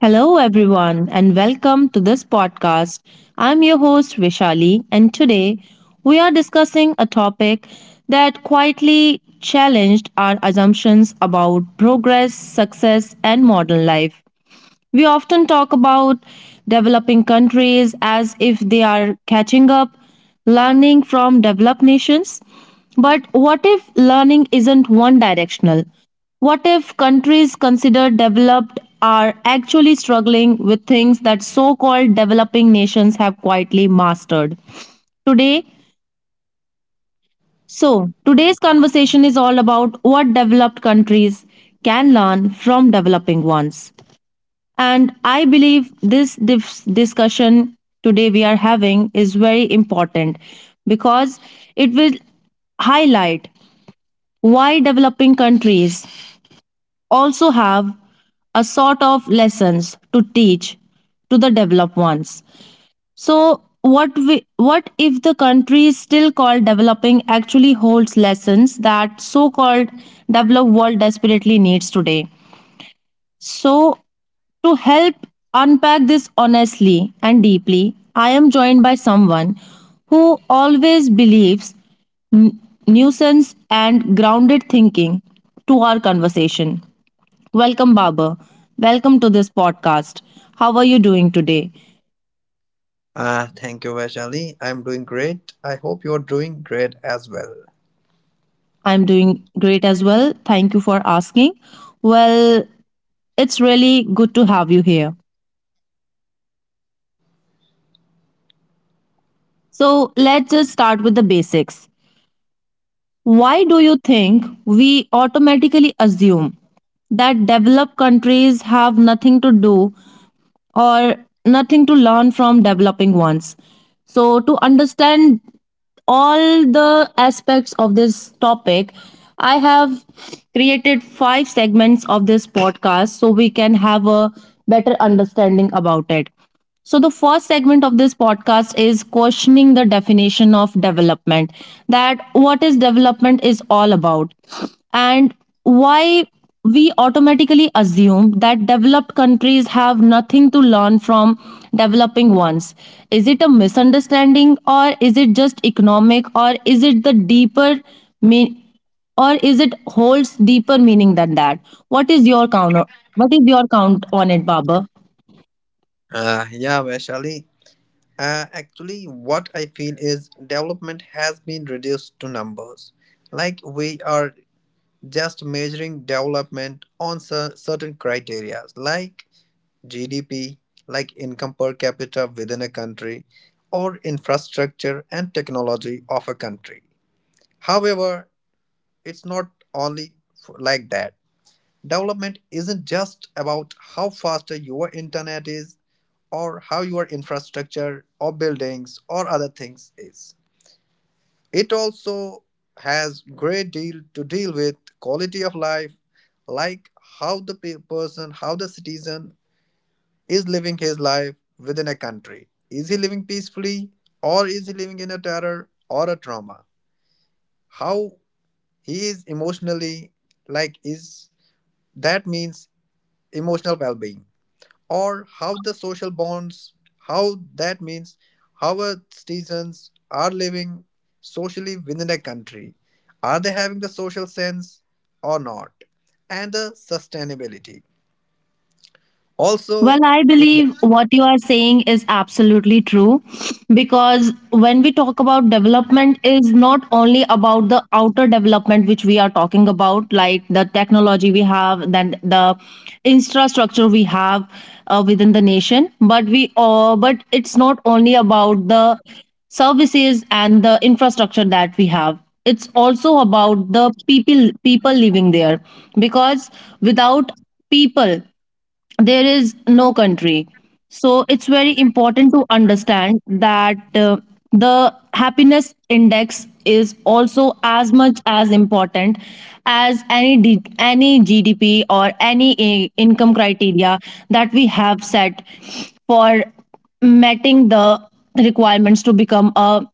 Hello, everyone, and welcome to this podcast. I'm your host, Vishali, and today we are discussing a topic that quietly challenged our assumptions about progress, success, and modern life. We often talk about developing countries as if they are catching up, learning from developed nations. But what if learning isn't one directional? What if countries considered developed are actually struggling with things that so called developing nations have quietly mastered? Today, so today's conversation is all about what developed countries can learn from developing ones. And I believe this discussion today we are having is very important because it will highlight why developing countries also have a sort of lessons to teach to the developed ones. What if the countries still called developing actually holds lessons that so called developed world desperately needs today? so, to help unpack this honestly and deeply, I am joined by someone who always believes n- nuisance and grounded thinking to our conversation. Welcome, Baba. Welcome to this podcast. How are you doing today? Thank you, Vaishali. I'm doing great. I hope you're doing great as well. I'm doing great as well. Thank you for asking. Well, it's really good to have you here. So, let's just start with the basics. Why do you think we automatically assume that developed countries have nothing to do or nothing to learn from developing ones? So, to understand all the aspects of this topic, I have created five segments of this podcast so we can have a better understanding about it. So, the first segment of this podcast is questioning the definition of development, that what is development is all about, and why we automatically assume that developed countries have nothing to learn from developing ones. Is it a misunderstanding, or is it just economic, or is it the deeper mean? Or is it holds deeper meaning than that? What is your counter? What is your count on it, Baba? Yeah, Vaishali. Actually, what I feel is development has been reduced to numbers. Like we are just measuring development on certain criteria like GDP, like income per capita within a country, or infrastructure and technology of a country. However, it's not only like that. Development isn't just about how fast your internet is or how your infrastructure or buildings or other things is. It also has great deal to deal with quality of life, like how the citizen is living his life within a country. Is he living peacefully, or is he living in a terror or a trauma? How he is emotionally, like, is, that means, emotional well-being, or how the social bonds, how, that means, how our citizens are living socially within a country. Are they having the social sense or not? And the sustainability. Well, Also, I in the believe what you are saying is absolutely true, because when we talk about development is not only about the outer development which we are talking about, like the technology we have, then the infrastructure we have within the nation, but we but it's not only about the services and the infrastructure that we have, it's also about the people living there, because without people there is no country. So it's very important to understand that the happiness index is also as much as important as any any GDP or any income criteria that we have set for meeting the requirements to become a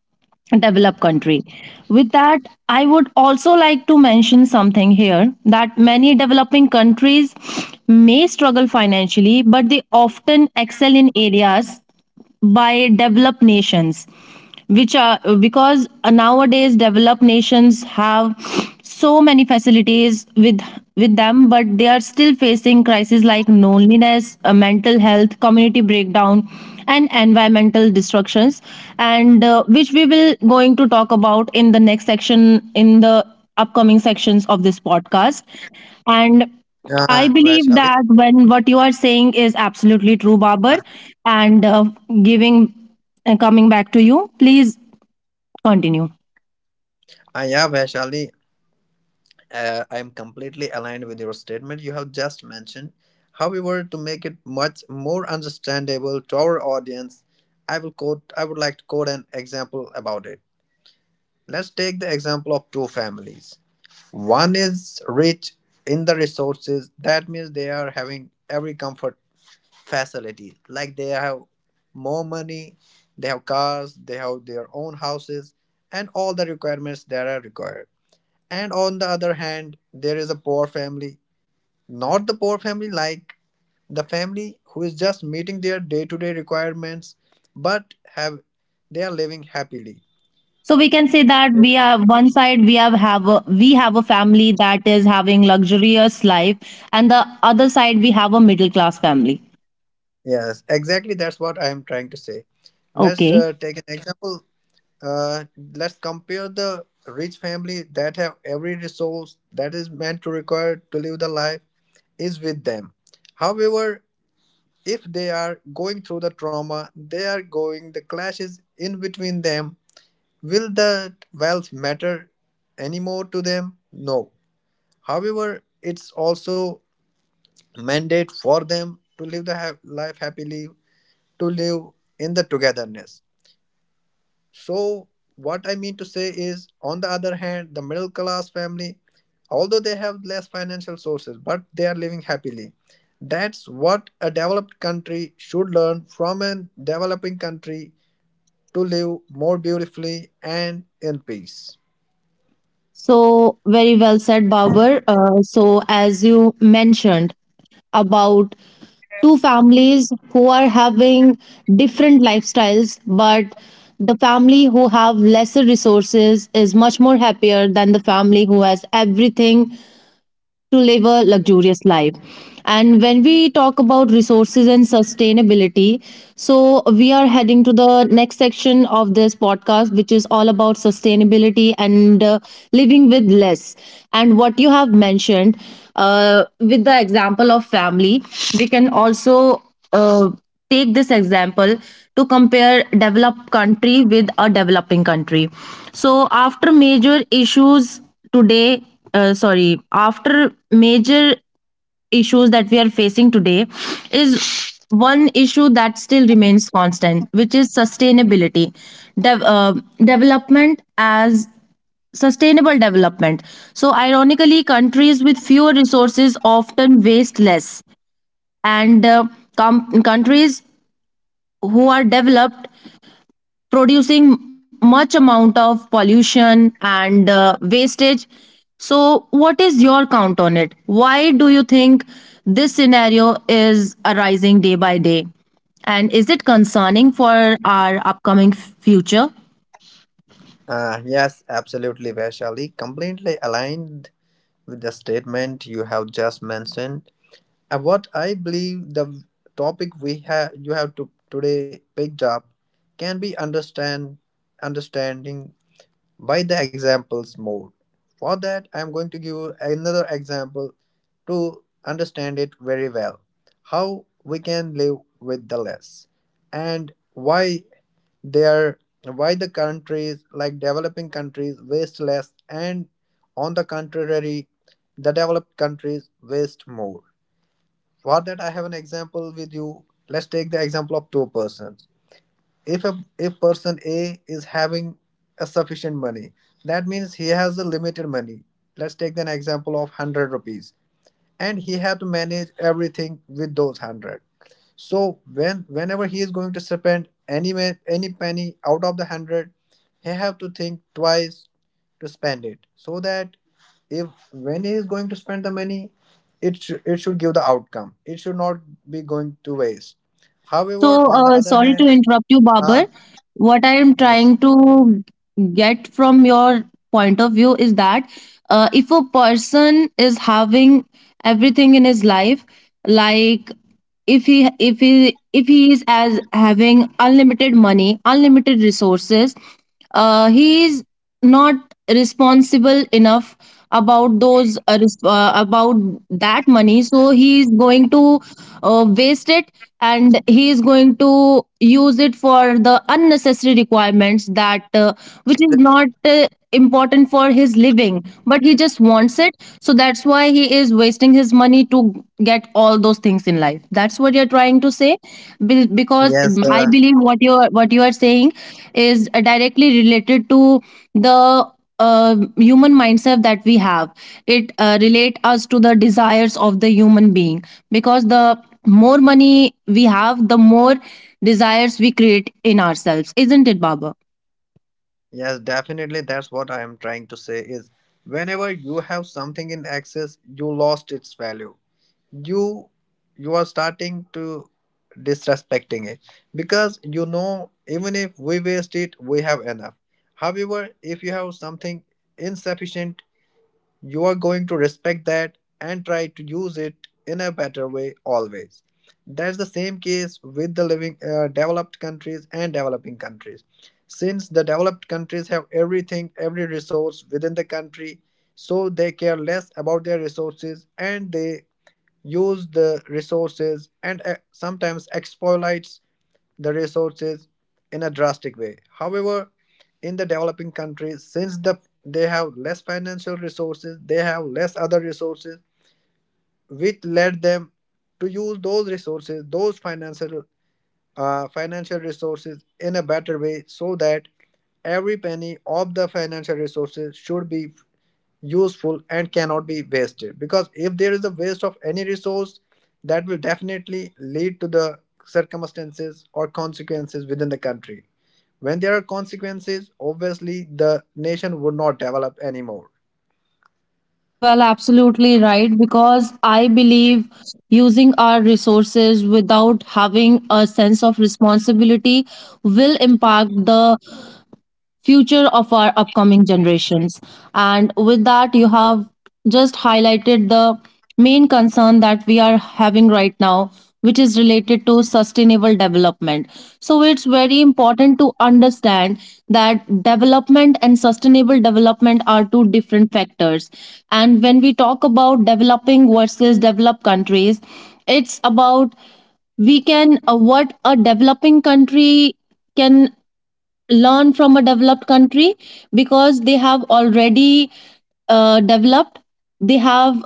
developed country. With that, I would also like to mention something here, that many developing countries may struggle financially, but they often excel in areas by developed nations, which are, because nowadays developed nations have so many facilities with them, but they are still facing crises like loneliness, mental health, community breakdown, and environmental destructions, and which we will going to talk about in the next section in the upcoming sections of this podcast. And I uh, believe Vaishali, that when what you are saying is absolutely true, Babar, uh, and giving and coming back to you, please continue. Yeah, Vaishali, I am completely aligned with your statement you have just mentioned. However, to make it much more understandable to our audience, I will quote. I would like to quote an example about it. Let's take the example of two families. One is rich in the resources, that means they are having every comfort facility. Like they have more money, they have cars, they have their own houses, and all the requirements that are required. And on the other hand, there is a poor family. Not the poor family, like the family who is just meeting their day to day requirements, but have, they are living happily. So we can say that we have, one side we have we have a family that is having luxurious life, and the other side we have a middle class family. Yes, exactly. That's what I am trying to say. Let's Okay. Take an example. Uh, let's compare. The rich family that have every resource that is meant to require to live the life is with them. However, if they are going through the trauma, they are going the clashes in between them. Will the wealth matter anymore to them? No. However, it's also mandate for them to live the life happily, to live in the togetherness. So, what I mean to say is, on the other hand, the middle class family, although they have less financial sources, but they are living happily. That's what a developed country should learn from a developing country, to live more beautifully and in peace. So, very well said, Babar. So, as you mentioned about two families who are having different lifestyles, but the family who have lesser resources is much more happier than the family who has everything to live a luxurious life. And when we talk about resources and sustainability, so we are heading to the next section of this podcast, which is all about sustainability and living with less. And what you have mentioned with the example of family, we can also uh, take this example to compare developed country with a developing country. so after major issues today After major issues that we are facing today, is one issue that still remains constant, which is sustainability. Development as sustainable development. So ironically, countries with fewer resources often waste less, and countries who are developed producing much amount of pollution and wastage. So what is your count on it? Why do you think this scenario is arising day by day, and is it concerning for our upcoming future? Yes, absolutely, Vaishali. Completely aligned with the statement you have just mentioned. And what I believe, the topic we have, you have to today picked up, can be understand, understanding by the examples more. For that, I am going to give another example to understand it very well. How we can live with the less, and why they are, why the countries like developing countries waste less, and on the contrary, the developed countries waste more. For that I have an example with you. Let's take the example of two persons. If a, if person A is having a sufficient money, that means he has a limited money. Let's take an example of 100 rupees, and he had to manage everything with those 100. So when whenever he is going to spend any any penny out of the 100, he have to think twice to spend it, so that if, when he is going to spend the money, it it should give the outcome, it should not be going to waste. However, So on the other sorry to hand, interrupt you, Babar. uh, What I am yes. trying to get from your point of view is that if a person is having everything in his life, like if he is as having unlimited money, unlimited resources, he is not responsible enough about those about that money, so he is going to waste it, and he is going to use it for the unnecessary requirements that which is not important for his living, but he just wants it, so that's why he is wasting his money to get all those things in life. That's what you're trying to say. Because Yes, I uh, believe what you are, what you are saying is directly related to the human mindset that we have. It relate us to the desires of the human being, because the more money we have, the more desires we create in ourselves, isn't it, Baba? yes, definitely. That's what I am trying to say is, whenever you have something in excess, you lost its value. You you are starting to disrespecting it, because you know even if we waste it, we have enough. However, if you have something insufficient, you are going to respect that and try to use it in a better way always. That's the same case with the living developed countries and developing countries. Since the developed countries have everything, every resource within the country, so they care less about their resources and they use the resources and sometimes exploit the resources in a drastic way. However, in the developing countries, since they have less financial resources, they have less other resources, which led them to use those resources, those financial financial resources in a better way, so that every penny of the financial resources should be useful and cannot be wasted, because if there is a waste of any resource, that will definitely lead to the circumstances or consequences within the country. When there are consequences, obviously the nation would not develop anymore. Well, absolutely right. Because I believe using our resources without having a sense of responsibility will impact the future of our upcoming generations. And with that, you have just highlighted the main concern that we are having right now, which is related to sustainable development. So it's very important to understand that development and sustainable development are two different factors. And when we talk about developing versus developed countries, it's about we can, what a developing country can learn from a developed country, because they have already developed. they have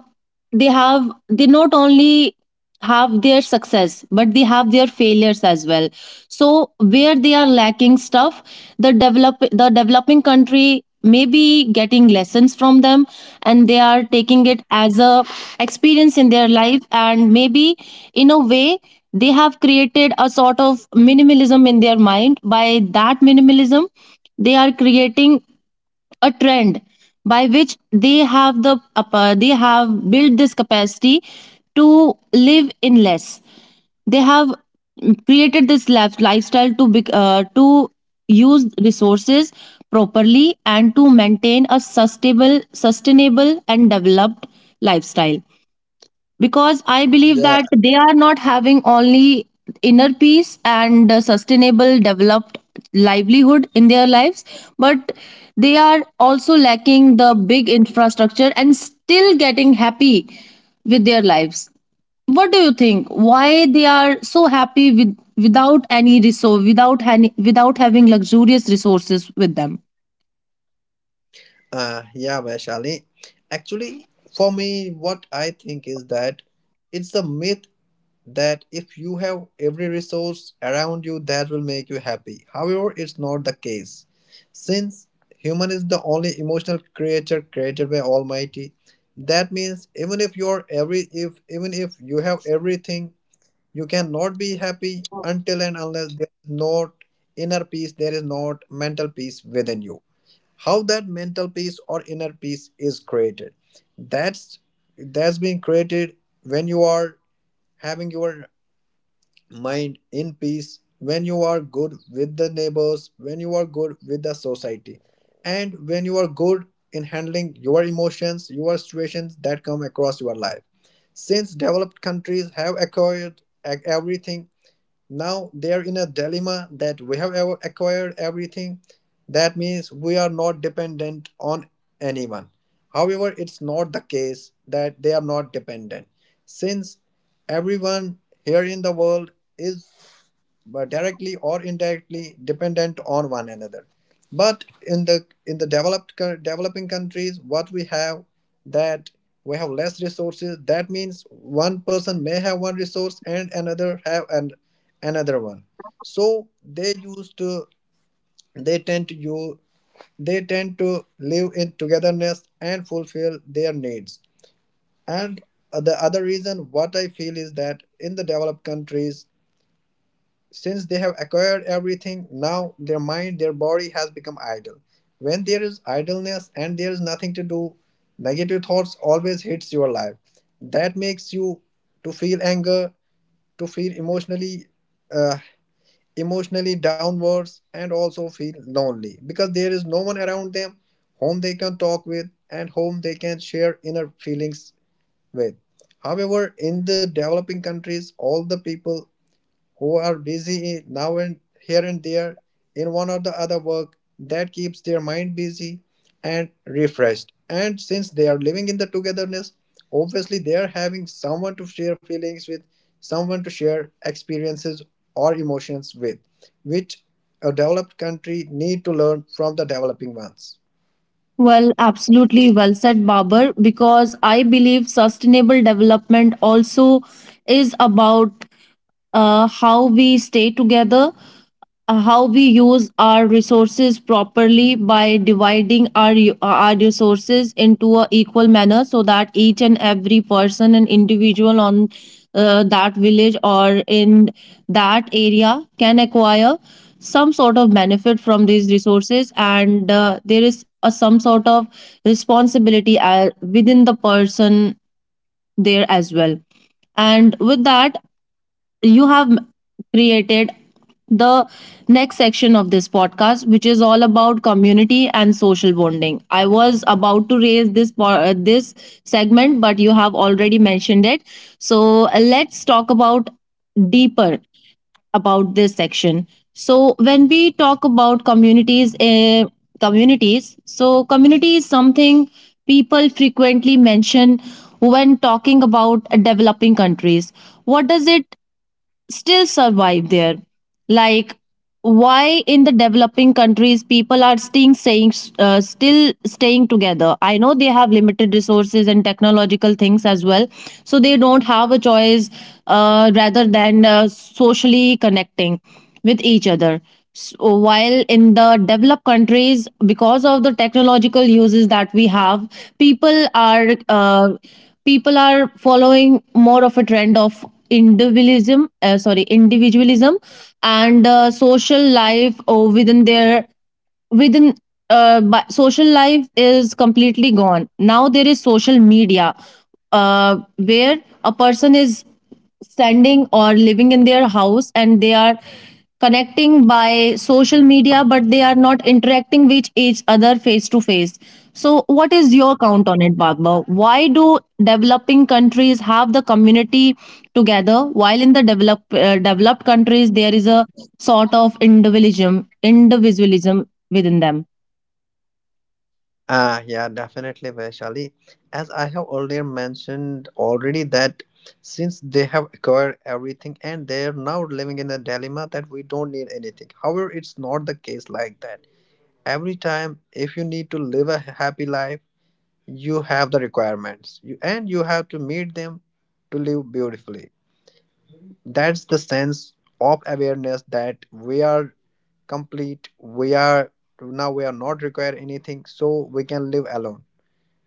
they have they not only have their success, but they have their failures as well. So where they are lacking stuff, the developing country may be getting lessons from them, and they are taking it as a experience in their life, and maybe in a way they have created a sort of minimalism in their mind. By that minimalism, they are creating a trend by which they have the, they have built this capacity to live in less. They have created this lifestyle to to use resources properly and to maintain a sustainable and developed lifestyle, because I believe Yeah, that they are not having only inner peace and sustainable developed livelihood in their lives, but they are also lacking the big infrastructure and still getting happy with their lives. What do you think, why they are so happy with, without any resource, without any, without having luxurious resources with them? Yeah, Vaishali. Actually, for me, what I think is that it's a myth that if you have every resource around you, that will make you happy. However, it's not the case, since human is the only emotional creature created by almighty. That means even if you're every, if even if you have everything, you cannot be happy until and unless there is not inner peace, there is not mental peace within you. How that mental peace or inner peace is created, that's that's being created when you are having your mind in peace, when you are good with the neighbors, when you are good with the society, and when you are good in handling your emotions, your situations that come across your life. Since developed countries have acquired everything, now they are in a dilemma that we have ever acquired everything. That means we are not dependent on anyone. However, it's not the case that they are not dependent. Since everyone here in the world is but directly or indirectly dependent on one another. But in the, developing countries, what we have, that we have less resources, that means one person may have one resource and another have, and another one. So they used to, they tend to use they tend to live in togetherness and fulfill their needs. And the other reason what I feel is that in the developed countries, since they have acquired everything, now their mind, their body has become idle. When there is idleness and there is nothing to do, negative thoughts always hits your life. That makes you to feel anger, to feel emotionally uh, emotionally downwards, and also feel lonely, because there is no one around them whom they can talk with and whom they can share inner feelings with. However, in the developing countries, all the people who are busy now and here and there in one or the other work that keeps their mind busy and refreshed. And since they are living in the togetherness, obviously they are having someone to share feelings with, someone to share experiences or emotions with, which a developed country need to learn from the developing ones. Well, absolutely well said, Babar, because I believe sustainable development also is about how we stay together, how we use our resources properly by dividing our our resources into a equal manner, so that each and every person and individual on that village, or in that area, can acquire some sort of benefit from these resources, and there is a, some sort of responsibility within the person there as well. And with that, you have created the next section of this podcast, which is all about community and social bonding. I was about to raise this this segment, but you have already mentioned it. So let's talk about deeper about this section. So when we talk about communities, So community is something people frequently mention when talking about developing countries. What does it still survive there? Like why in the developing countries people are staying together? I know they have limited resources and technological things as well, so they don't have a choice, rather than socially connecting with each other. So while in the developed countries, because of the technological uses that we have, people are uh, people are following more of a trend of individualism, and social life within their within but social life is completely gone. Now there is social media, where a person is standing or living in their house, and they are connecting by social media, but they are not interacting with each other face to face. So what is your count on it, Bagba? Why do developing countries have the community together, while in the developed countries there is a sort of individualism within them. Ah, yeah, definitely, Vaishali. As I have earlier mentioned already, that since they have acquired everything and they are now living in a dilemma that we don't need anything. However, it's not the case like that. Every time, if you need to live a happy life, you have the requirements you, and you have to meet them to live beautifully. That's the sense of awareness that we are complete, we are, now we are not require anything, so we can live alone.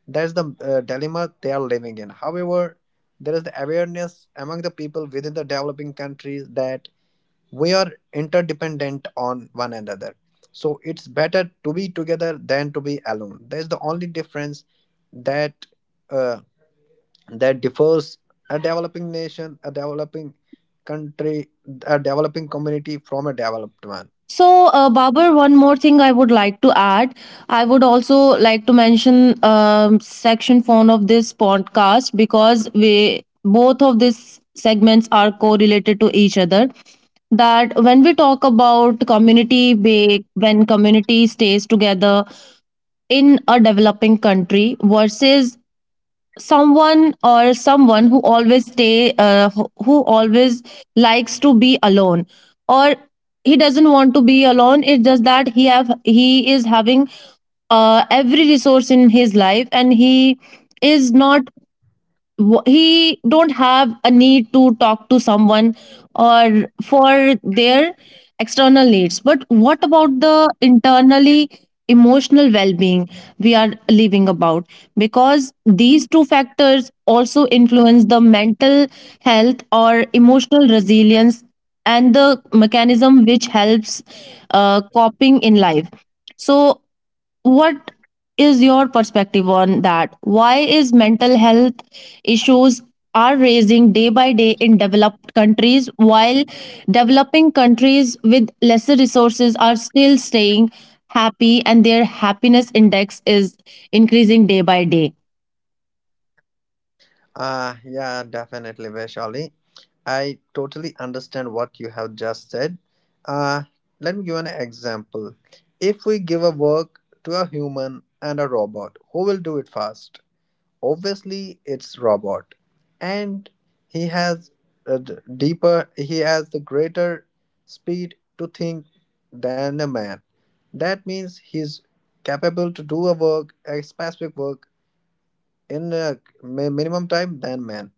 That's the dilemma they are living in. However, there is the awareness among the people within the developing countries that we are interdependent on one another. So it's better to be together than to be alone. There's the only difference that uh, that differs a developing nation, a developing country, a developing community from a developed one. So, Babar, one more thing I would like to add. I would also like to mention section four of this podcast, because we, both of these segments are correlated to each other. That when we talk about community, when community stays together in a developing country versus someone who always stay who always likes to be alone, or he doesn't want to be alone, it's just that he is having every resource in his life and he is not he don't have a need to talk to someone or for their external needs. But what about the internally emotional well-being we are living about? Because these two factors also influence the mental health or emotional resilience and the mechanism which helps coping in life. So what is your perspective on that? Why is mental health issues are raising day by day in developed countries while developing countries with lesser resources are still staying happy and their happiness index is increasing day by day? Ah, yeah, definitely, Vaishali. I totally understand what you have just said. Uh, Let me give an example. If we give a work to a human and a robot, who will do it first? Obviously it's robot. And he has a deeper, he has the greater speed to think than a man. That means he's capable to do a work, a specific work, in a minimum time than man.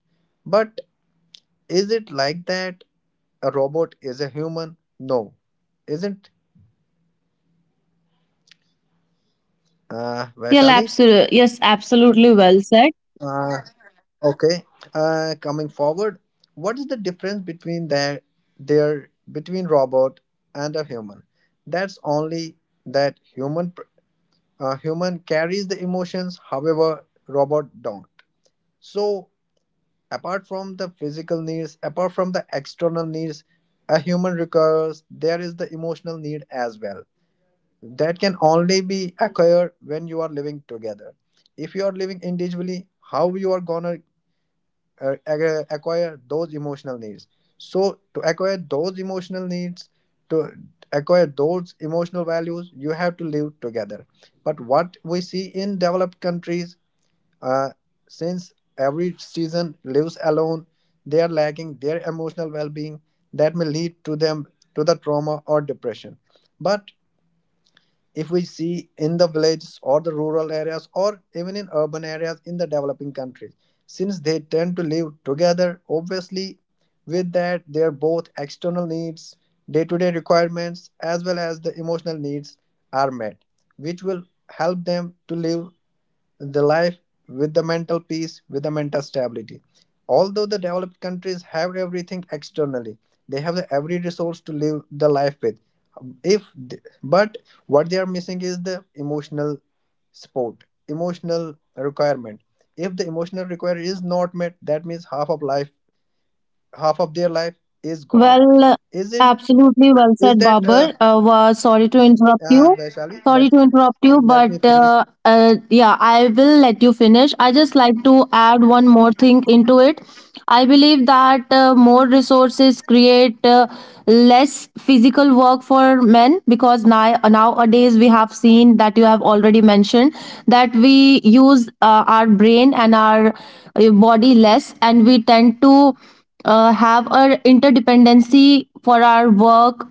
But is it like that a robot is a human? No. Isn't, Yeah, Vaishali? absolutely. Yes, absolutely, well said. uh, Okay. Coming forward, what is the difference between their between robot and a human? That's only that human human carries the emotions, however, robot don't. So apart from the physical needs, apart from the external needs, a human requires, there is the emotional need as well. That can only be acquired when you are living together. If you are living individually, how you are gonna acquire those emotional needs, so to acquire those emotional needs to acquire those emotional values you have to live together. But what we see in developed countries, uh, since every citizen lives alone, they are lacking their emotional well-being. That may lead to them to the trauma or depression. But if we see in the villages or the rural areas or even in urban areas in the developing countries, since they tend to live together obviously, with that their both external needs, day-to-day requirements as well as the emotional needs, are met, which will help them to live the life with the mental peace, with the mental stability. Although the developed countries have everything externally, they have the every resource to live the life with. If th- but what they are missing is the emotional support, emotional requirement. If the emotional requirement is not met, that means half of life, half of their life is gone. Well, Is it? absolutely well Is said, that? Babar. Sorry to interrupt you. Vaishali, Sorry to interrupt you, let me but finish. Yeah, I will let you finish. I just like to add one more thing into it. I believe that more resources create less physical work for men, because nowadays we have seen that you have already mentioned that we use our brain and our body less, and we tend to have a interdependency for our work,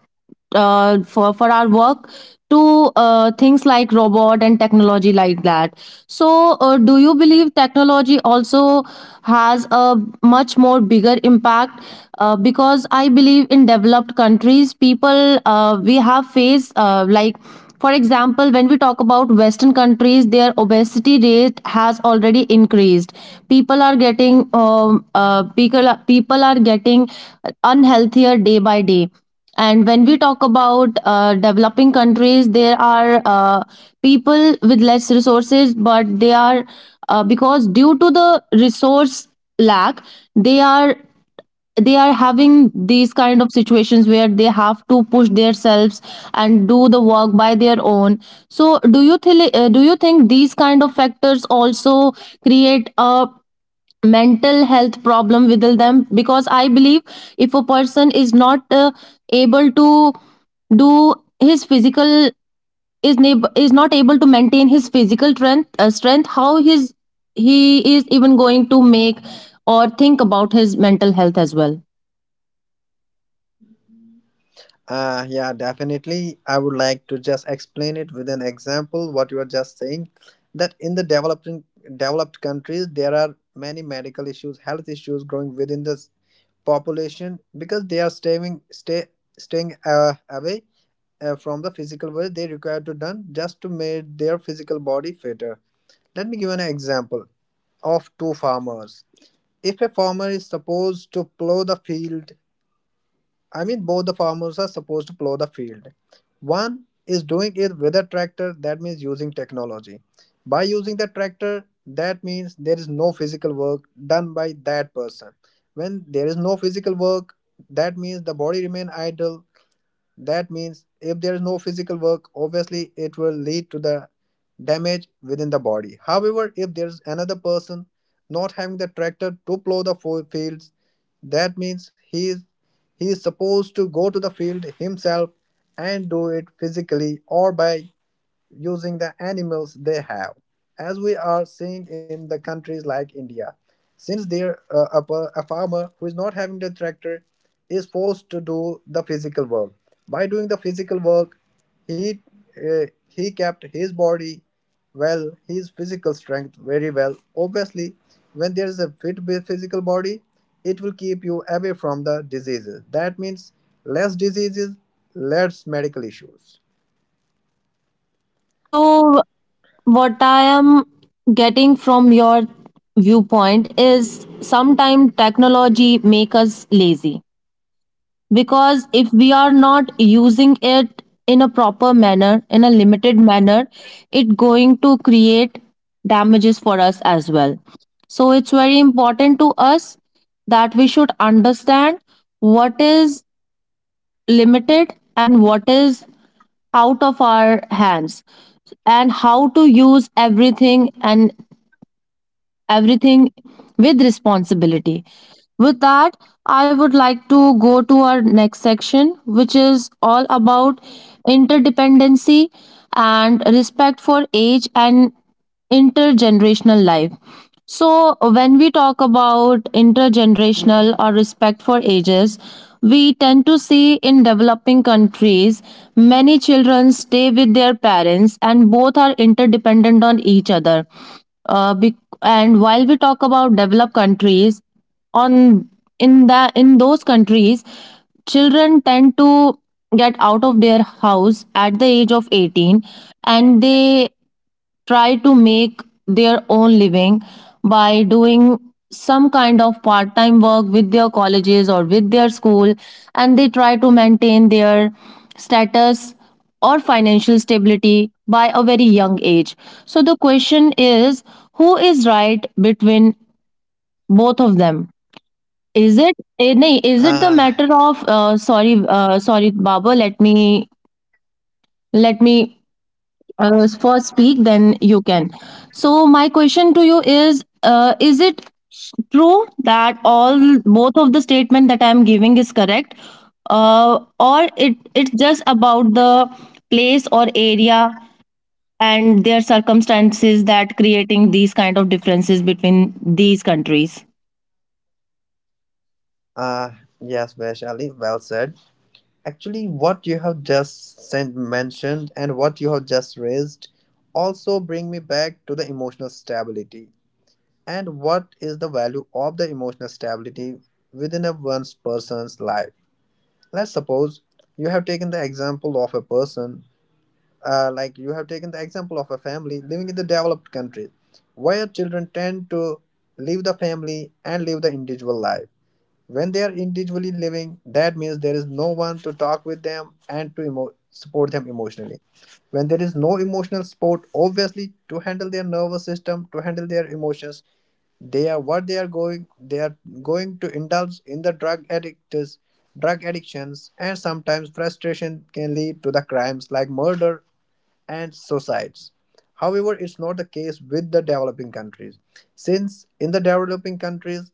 for our work to things like robot and technology like that. So do you believe technology also has a much more bigger impact? Because I believe in developed countries people we have faced like, for example, when we talk about western countries, their obesity rate has already increased. People are getting people are getting unhealthier day by day. And when we talk about developing countries, there are people with less resources, but they are because due to the resource lack, they are they are having these kind of situations where they have to push themselves and do the work by their own. So, do you think these kind of factors also create a mental health problem within them? Because I believe if a person is not able to do his physical, is not able to maintain his physical strength, how his he is even going to make or think about his mental health as well. Yeah, definitely. I would like to just explain it with an example what you are just saying, that in the developing developed countries there are many medical issues, health issues growing within the population because they are staying away from the physical world. They require to done just to make their physical body fitter. Let me give an example of two farmers. If a farmer is supposed to plow the field, I mean, both the farmers are supposed to plow the field. One is doing it with a tractor, that means using technology. By using the tractor, that means there is no physical work done by that person. When there is no physical work, that means the body remain idle. That means if there is no physical work, obviously it will lead to the damage within the body. However, if there is another person not having the tractor to plow the fields, that means he is supposed to go to the field himself and do it physically or by using the animals they have, as we are seeing in the countries like India. Since there a farmer who is not having the tractor is forced to do the physical work. By doing the physical work, he he kept his body well, his physical strength very well. Obviously, when there is a physical body, it will keep you away from the diseases. That means less diseases, less medical issues. So what I am getting from your viewpoint is sometimes technology make us lazy, because if we are not using it in a proper manner, in a limited manner, it going to create damages for us as well. So it's very important to us that we should understand what is limited and what is out of our hands and how to use everything with responsibility. With that, I would like to go to our next section, which is all about interdependency and respect for age and intergenerational life. So, when we talk about intergenerational or respect for ages, we tend to see in developing countries many children stay with their parents and both are interdependent on each other. And while we talk about developed countries, on in those countries, children tend to get out of their house at the age of 18, and they try to make their own living by doing some kind of part time work with their colleges or with their school, and they try to maintain their status or financial stability by a very young age. So the question is, who is right between both of them? Is it is it the matter of sorry Baba, let me first speak then you can. So my question to you is, is it true that all both of the statement that I am giving is correct? Or it's just about the place or area and their circumstances that creating these kind of differences between these countries? Uh, yes, Vaishali, well said. Actually, what you have just sent, mentioned and what you have just raised also bring me back to the emotional stability. And what is the value of the emotional stability within a one's person's life? Let's suppose you have taken the example of a person, like you have taken the example of a family living in the developed countries, where children tend to leave the family and live the individual life. When they are individually living, that means there is no one to talk with them and to support them emotionally. When there is no emotional support, obviously to handle their nervous system, to handle their emotions, they are what they are going to indulge in the drug addictions, and sometimes frustration can lead to the crimes like murder and societies. However, it's not the case with the developing countries, since in the developing countries,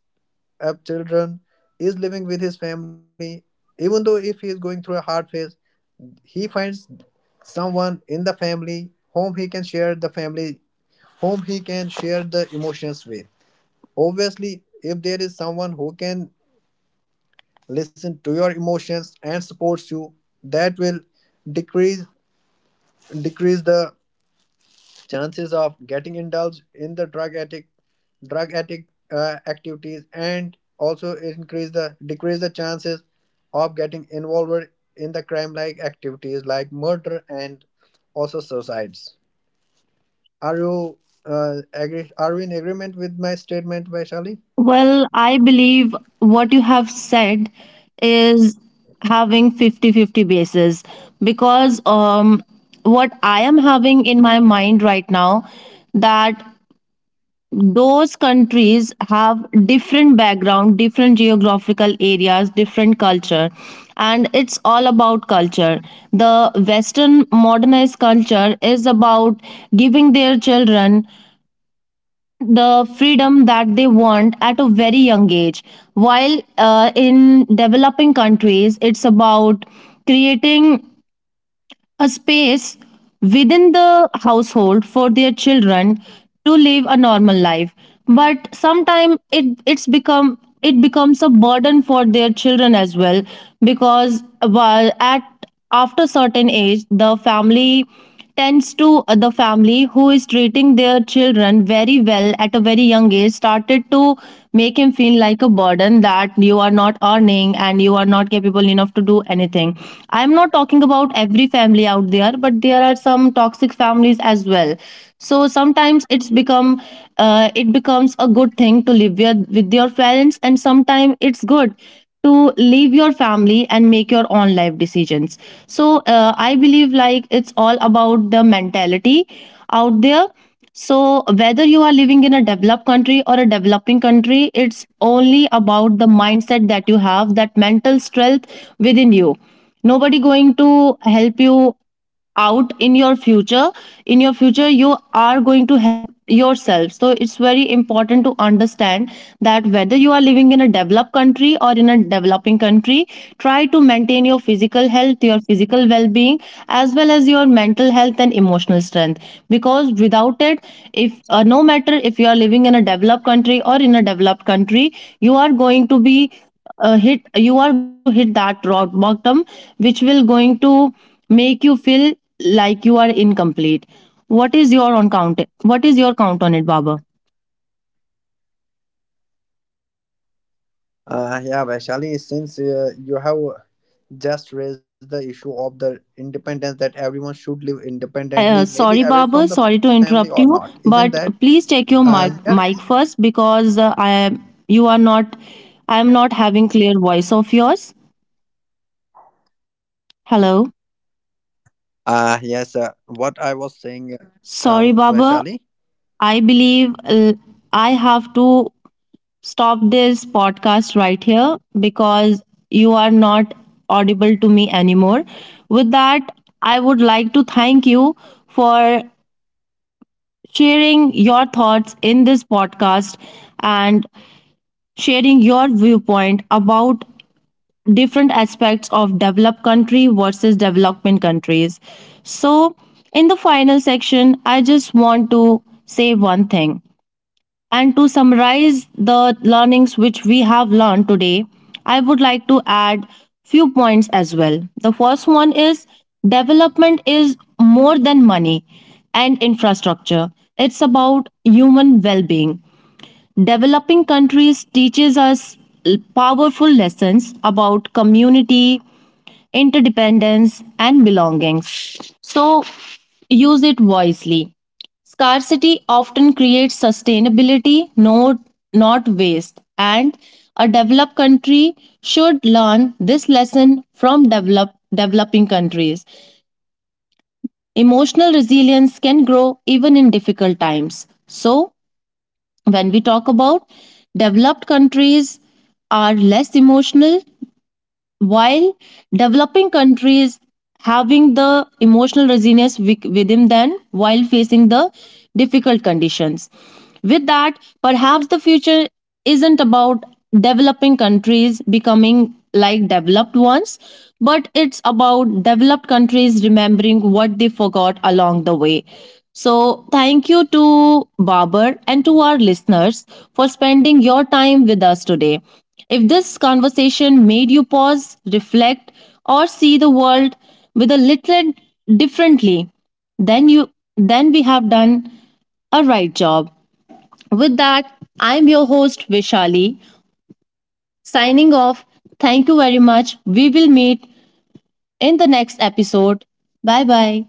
a children is living with his family, even though if he is going through a hard phase, he finds someone in the family whom he can share the emotions with. Obviously, if there is someone who can listen to your emotions and supports you, that will decrease decrease the chances of getting indulged in the drug addict activities, and also increase the decrease the chances of getting involved in the crime like activities like murder and also suicides. Are you agree are you in agreement with my statement, Vaishali? Well, I believe what you have said is having 50-50 basis, because what I am having in my mind right now that those countries have different background, different geographical areas, different culture, and it's all about culture. The Western modernized culture is about giving their children the freedom that they want at a very young age. While in developing countries, it's about creating a space within the household for their children to live a normal life. But sometimes it becomes a burden for their children as well. Because while at after certain age, the family tends to the family who is treating their children very well at a very young age started to make him feel like a burden that you are not earning and you are not capable enough to do anything. I'm not talking about every family out there, but there are some toxic families as well. So sometimes it becomes a good thing to live with your parents, and sometimes it's good to leave your family and make your own life decisions. So I believe like it's all about the mentality out there. So whether you are living in a developed country or a developing country, it's only about the mindset that you have, that mental strength within you. Nobody going to help you out in your future. In your future, you are going to help yourself. So it's very important to understand that whether you are living in a developed country or in a developing country, try to maintain your physical health, your physical well-being, as well as your mental health and emotional strength. Because without it, if no matter if you are living in a developed country or in a developed country, you are going to be hit you are going to hit that rock bottom, which will going to make you feel like you are incomplete. What is your count on it, Baba? Yeah, Vaishali, since you have just raised the issue of the independence that everyone should live independently maybe away from the family or not, Sorry isn't that? Baba, sorry to interrupt you, Yes. but please take your mic first, because I am you are not, I am not having clear voice of yours. Yes, Hello? What I was saying, Vaishali, Sorry Baba, I believe I have to stop this podcast right here because you are not audible to me anymore. With that, I would like to thank you for sharing your thoughts in this podcast and sharing your viewpoint about different aspects of developed country versus development countries. So, in the final section, I just want to say one thing, and to summarize the learnings which we have learned today, I would like to add few points as well. The first one is, development is more than money and infrastructure. It's about human well-being. Developing countries teaches us powerful lessons about community, interdependence, and belongings. So use it wisely. Scarcity often creates sustainability, not waste. And a developed country should learn this lesson from developing countries. Emotional resilience can grow even in difficult times. So, when we talk about developed countries are less emotional, while developing countries having the emotional resilience within them while facing the difficult conditions. With that, perhaps the future isn't about developing countries becoming like developed ones, but it's about developed countries remembering what they forgot along the way. So thank you to Babar and to our listeners for spending your time with us today. If this conversation made you pause, reflect, or see the world with a little differently, then you then we have done a right job. With that, I'm your host Vishali, signing off. Thank you very much. We will meet in the next episode. Bye bye.